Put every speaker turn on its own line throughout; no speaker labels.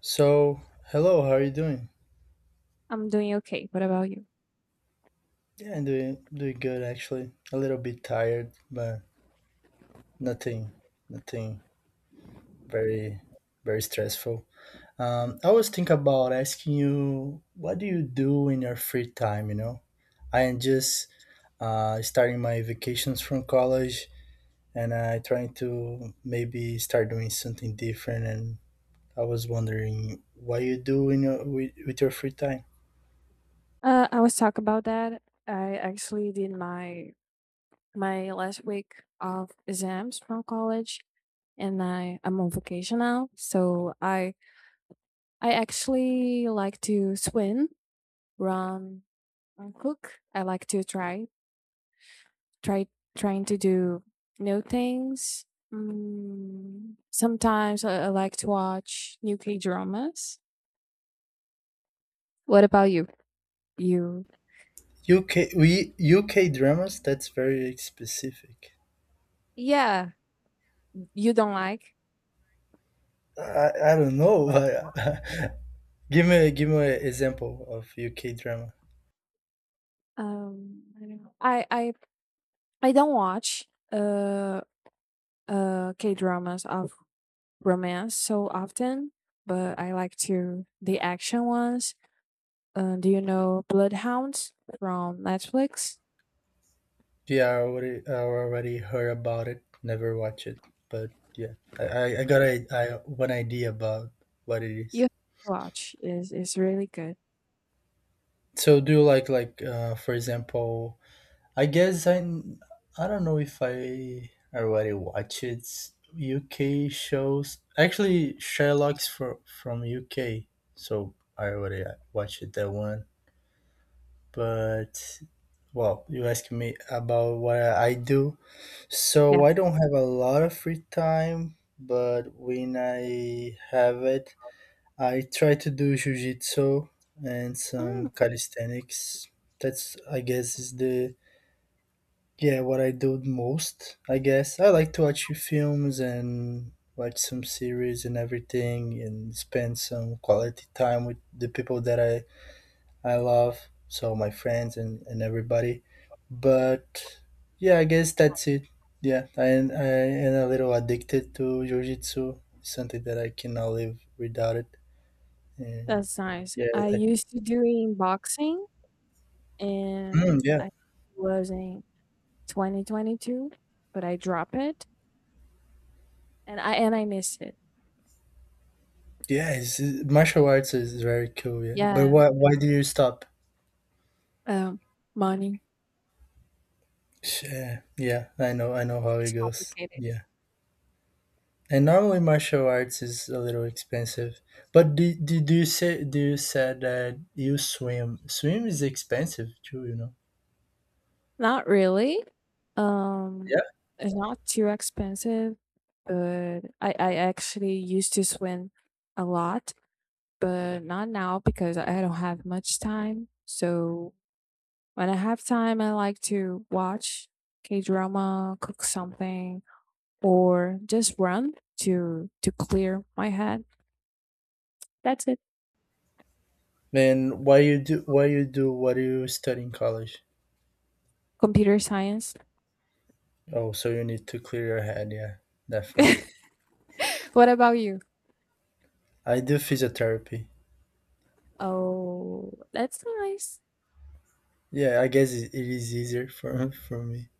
So, hello, how are you doing?
I'm doing okay. What about you?
Yeah, I'm doing good actually. A little bit tired, but nothing nothing very very stressful. I was thinking about asking you, what do you do in your free time, you know? I am just starting my vacations from college, and I trying to maybe start doing something different, and I was wondering what you do in your, with your free time.
I was talk about that. I actually did my last week of exams from college, and I'm on vacation now. So I actually like to swim, run, and cook. I like to try trying to do new things. Mm, sometimes I like to watch new K dramas. What about you? You
UK? We UK dramas, that's very specific.
yeah, you don't like
I don't know, but give me an example of UK drama.
I don't know. I I don't watch uh K dramas of romance so often, but I like to the action ones. Do you know Bloodhounds from Netflix?
Yeah, I already heard about it, never watch it, but yeah, I got a I one idea about what it
You
is.
have to watch is really good.
So do you like for example, I guess I don't know if I already watch it. UK shows actually Sherlock's for from UK, so I already watched that one, but. Well, you asking me about what I do. So
Yeah.
I don't have a lot of free time, but when I have it, I try to do jujitsu and
Mm,
some calisthenics. That's, I guess, is the yeah, what I do most. I guess I like to watch films and watch some series and everything, and spend some quality time with the people that I love, so my friends and, everybody. But yeah, I guess that's it. Yeah, I am a little addicted to jujitsu. Something that I cannot live without it. And
that's nice.
yeah,
I
I,
used to doing boxing and
yeah,
I was in 2022, but I dropped it and I miss it.
yeah. Martial arts is very cool. Yeah, but
Yeah.
why do you stop?
Um, money.
Yeah, yeah. I know how it
It's
goes.
complicated.
Yeah. And normally martial arts is a little expensive. But do you said that you swim? Swim is expensive too.
Not really. Um,
Yeah.
it's not too expensive, but I actually used to swim a lot, but not now because I don't have much time. So when I have time, I like to watch K drama, cook something, or just run to clear my head. That's it.
Then why you do what do you study in college?
Computer science.
Oh, so you need to clear your head, yeah, definitely.
What about you?
I do physiotherapy.
Oh, that's nice.
Yeah, I guess it is easier for for me.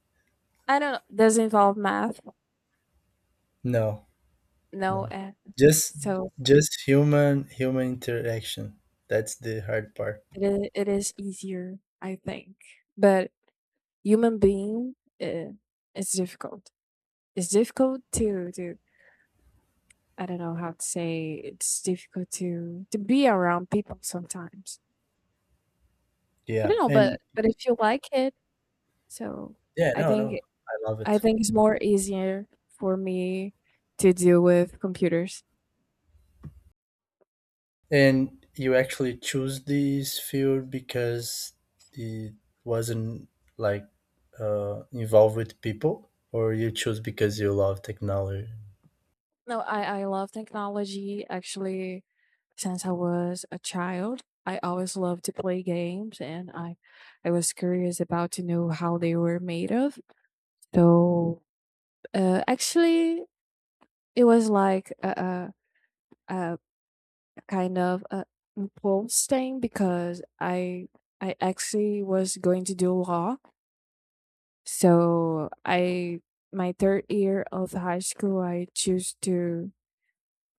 I don't. Does it involve math?
No,
No.
no.
Eh.
Just
So
just human interaction. That's the hard part.
it is easier, I think. But human being, uh, it's difficult. It's difficult to I don't know how to say. It's difficult to be around people sometimes. I
Yeah.
don't know, but
And
if you like it, so
yeah,
I
no,
think
no. I love
I
it.
think it's more easier for me to deal with computers.
And you actually choose this field because it wasn't like involved with people, or you choose because you love technology?
No, I love technology actually. Since I was a child. I always loved to play games and I was curious about to know how they were made of. So actually it was like a kind of a impulse thing because I actually was going to do law. So I my third year of high school I choose to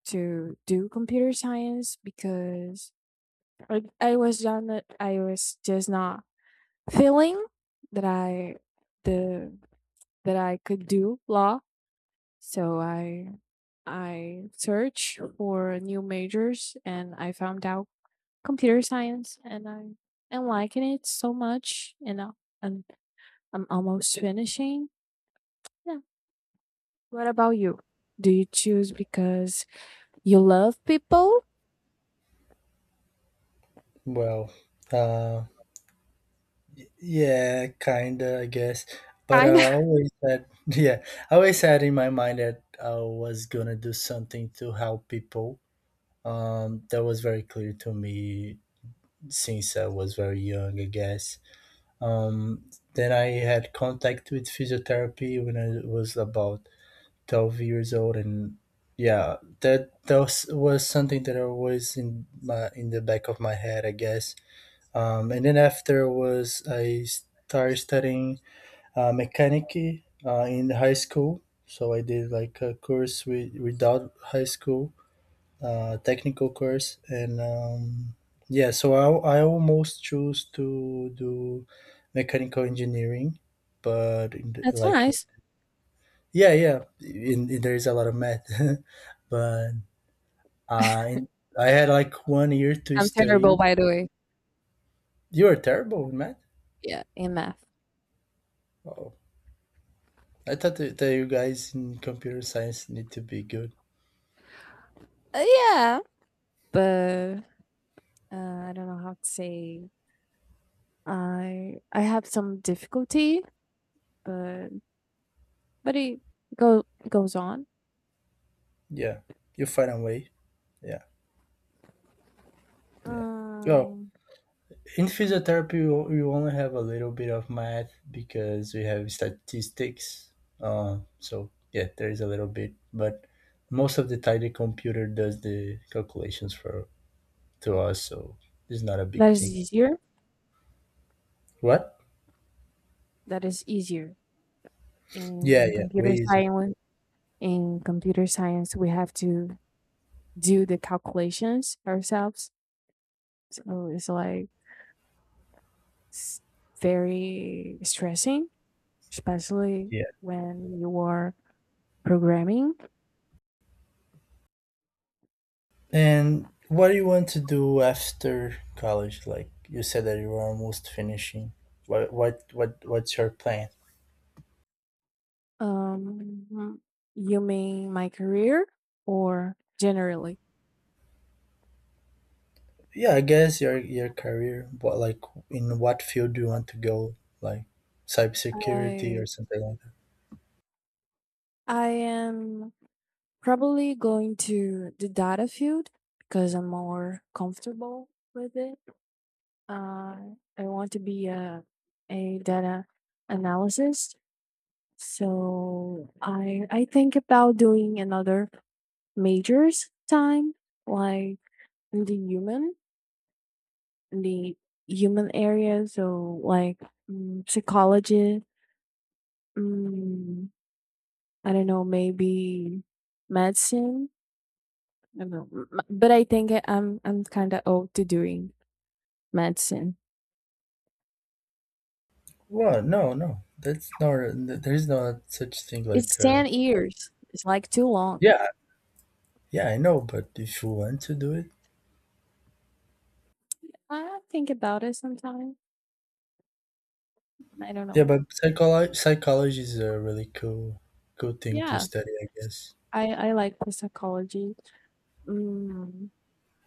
to do computer science because I was done I was just not feeling that I the that I could do law. So I searched for new majors and I found out computer science and I am liking it so much and and I'm almost finishing. Yeah. What about you? Do you choose because you love people?
Well, uh, yeah, kinda, I guess. But
Kind of.
I always had, yeah, I always had in my mind that I was gonna do something to help people. That was very clear to me since I was very young, I guess. Um, then I had contact with physiotherapy when I was about 12 years old, and yeah, that was something that I was in the back of my head, I guess. And then after was I started studying mechanic in high school, so I did like a course without high school, technical course, and yeah, so I almost choose to do mechanical engineering, but
That's
like,
nice.
yeah, yeah, there is a lot of math but uh, in, I had like one year to
I'm terrible,
study.
by the way.
You are terrible in math?
Yeah, in math.
Oh, I thought that you guys in computer science need to be good.
Yeah. But I don't know how to say I have some difficulty, but but it go goes on.
Yeah, you find a way. Yeah, yeah. Oh.
Um,
In physiotherapy, we you only have a little bit of math because we have statistics, so yeah, there is a little bit, but most of the time the computer does the calculations for to us, so it's not a big
that is
thing.
easier.
What?
That is easier in
Yeah, yeah, way
computer
easier.
science. In computer science, we have to do the calculations ourselves, so it's like s- very stressing, especially
Yeah.
when you are programming.
And what do you want to do after college, like you said that you were almost finishing? What's your plan?
Um, you mean my career or generally?
Yeah, I guess your career, but like, in what field do you want to go, like cybersecurity
I
or something like that?
I am probably going to the data field because I'm more comfortable with it. I want to be a data analysis. So I think about doing another majors time, like in the human, in the human area. So like mm, psychology, mm, I don't know, maybe medicine I don't know. M- But I think I'm kind of old to doing medicine.
Well, no, no, that's not, there's not such thing,
It's
like,
10 years. It's like too long.
Yeah, yeah, I know, but if you want to do it.
I think about it sometimes. I don't
Yeah,
know.
but psychology is a really cool thing to
Yeah,
study, I guess.
I like the psychology. Mm,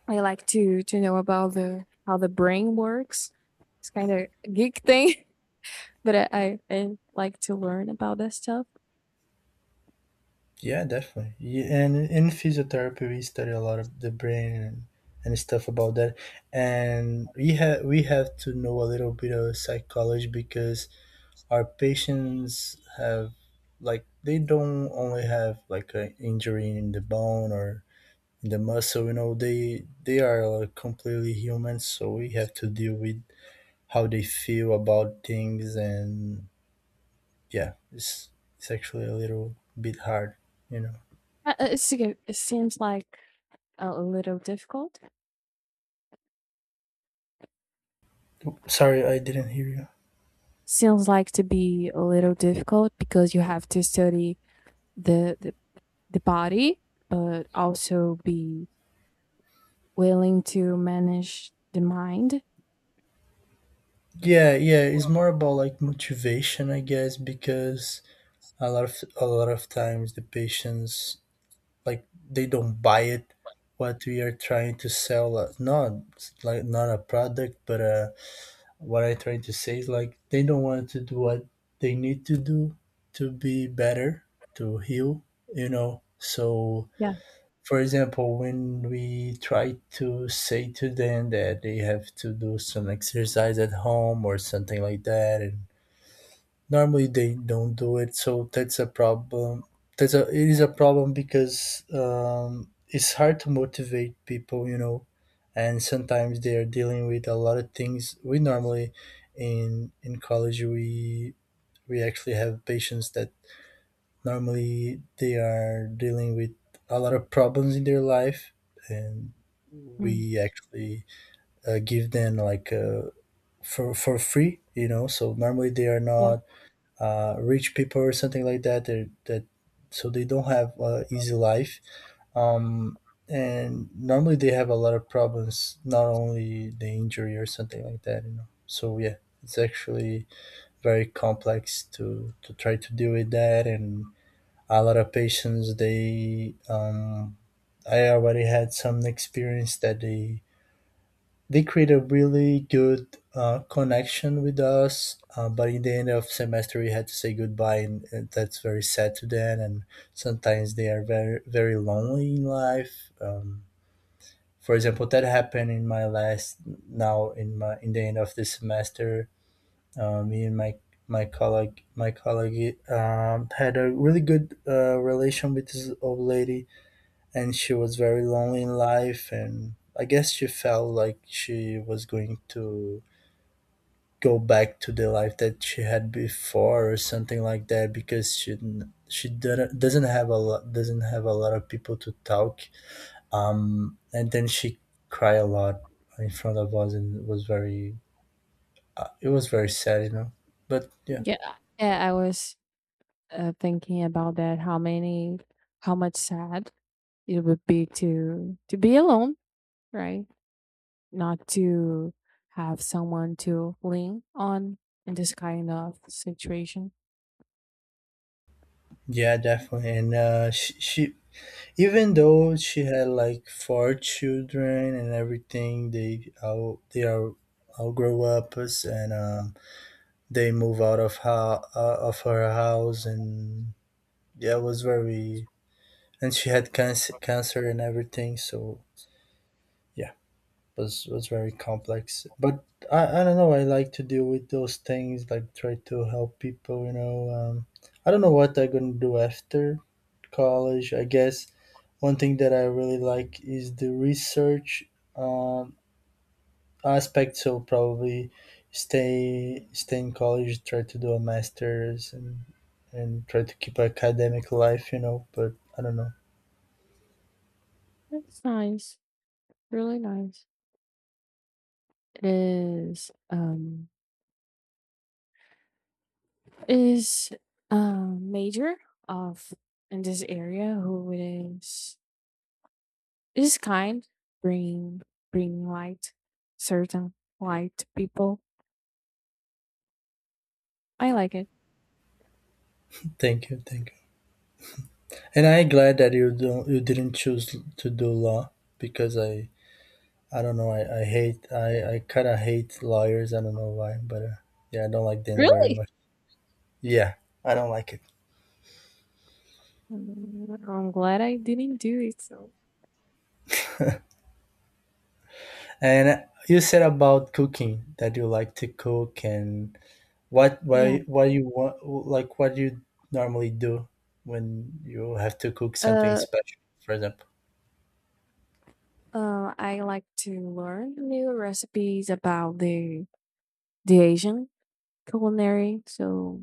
I like to know about the how the brain works. It's kind of a geek thing, but I like to learn about that stuff.
Yeah, definitely. Yeah, and in physiotherapy we study a lot of the brain and, stuff about that, and we have to know a little bit of psychology because our patients have like, they don't only have like an injury in the bone or in the muscle, you know, they are like, completely human, so we have to deal with how they feel about things, and yeah, it's actually a little bit hard you know
It's, okay, it seems like a little difficult.
Sorry, I didn't hear you.
Seems like to be a little difficult because you have to study the the, the body but also be willing to manage the mind.
Yeah, yeah, it's more about, like, motivation, I guess, because a lot of times the patients, like, they don't buy it, what we are trying to sell, not, like, not a product, but what I trying to say is, like, they don't want to do what they need to do to be better, to heal, you know. So
Yeah.
for example, when we try to say to them that they have to do some exercise at home or something like that, and normally they don't do it, so that's a problem. That's a it is a problem because it's hard to motivate people, you know, and sometimes they are dealing with a lot of things. We normally, in college, we actually have patients that normally they are dealing with a lot of problems in their life, and
Mm.
we actually give them like, for free, you know. So normally they are
Yeah.
not rich people or something like that. That that, so they don't have easy life. Um, and normally they have a lot of problems, not only the injury or something like that, you know. So yeah, it's actually very complex to try to deal with that. And a lot of patients, they I already had some experience that they create a really good connection with us. But in the end of semester, we had to say goodbye, and that's very sad to them. And sometimes they are very very lonely in life. For example, that happened in my last, now in the end of the semester. Me and my colleague had a really good relation with this old lady, and she was very lonely in life, and I guess she felt like she was going to go back to the life that she had before or something like that, because she didn't, doesn't have a lot of people to talk. And then she cried a lot in front of us, and it was very, it was very sad, you know, but yeah.
Yeah, yeah I was thinking about that how many how much sad it would be to be alone, right? Not to have someone to lean on in this kind of situation.
Yeah, definitely. And she, even though she had like four children and everything, they all they are all grow up us, and they move out of her house, and yeah, it was very, and she had cancer and everything, so yeah, was very complex. But I don't know, I like to deal with those things, like try to help people, you know, I don't know what I'm gonna do after college, I guess. One thing that I really like is the research, um, aspect. So probably stay in college, try to do a master's, and try to keep academic life. You know, but I don't know.
It's nice, really nice. It is, um, is a major of in this area who is kind bring bring light certain light to people. I like it.
Thank you, thank you. And I'm glad that you didn't choose to do law, because I don't know, I hate I kind of hate lawyers. I don't know why, but yeah, I don't like them very
Really?
much. Yeah, I don't like it.
Mm, I'm glad I didn't do it so.
And you said about cooking that you like to cook. And
Yeah.
what you want, like, what you normally do when you have to cook something
uh,
special, for example.
I like to learn new recipes about the asian culinary. So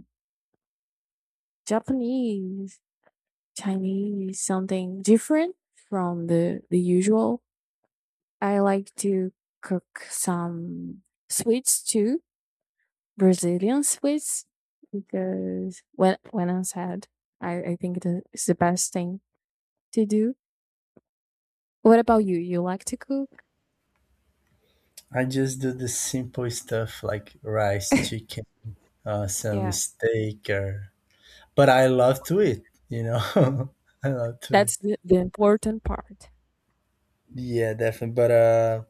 japanese, chinese, something different from the usual. I like to cook some sweets too, Brazilian sweets, because when I'm sad, I think it is the best thing to do. What about you? You like to cook?
I just do the simple stuff, like rice, chicken, some
Yeah.
steak, or but I love to eat, you know. I love to eat.
That's the important part.
Yeah, definitely. But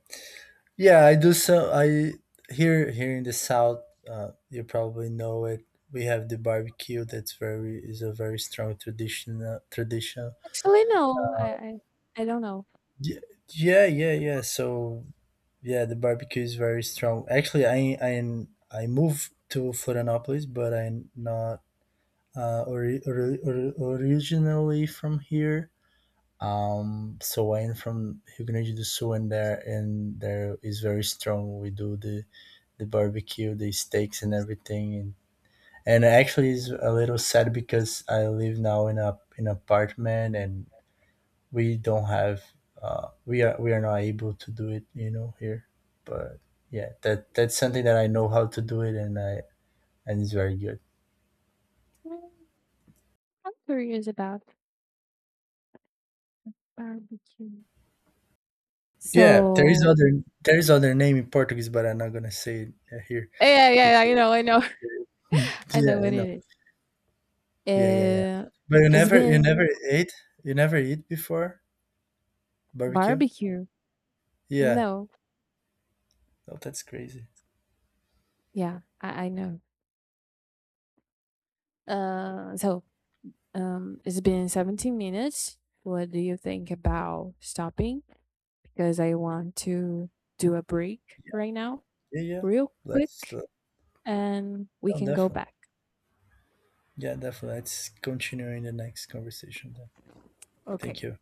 yeah, I do. So I here in the south, you probably know it. We have the barbecue. That's very is a very strong tradition. Tradition.
Actually, no, I don't know.
Yeah, yeah, yeah, yeah. So yeah, the barbecue is very strong. Actually, I moved to Florianopolis, but I'm not originally from here. So I'm from Rio Grande do Sul, and there is very strong. We do the barbecue, the steaks and everything. And actually it's a little sad because I live now in a in an apartment, and we don't have we are not able to do it, you know, here. But yeah, that's something that I know how to do it, and it's very good.
Mm, I'm curious about barbecue.
Yeah, there is
So
other there is other name in Portuguese, but I'm not gonna say it here,
yeah,
because
yeah, yeah, I know,
Hmm,
I
yeah,
know
you
what
know.
it
Yeah, yeah, yeah.
is. Uh,
But
it's been
you never eat before barbecue?
barbecue.
Yeah.
No.
Oh, that's crazy.
Yeah, I know. Uh, so it's been 17 minutes. What do you think about stopping? Because I want to do a break right now,
Yeah, yeah.
real
Let's,
quick, and we
no,
can go
definitely.
back.
Yeah, definitely. Let's continue in the next conversation then. Thank
Okay.
you.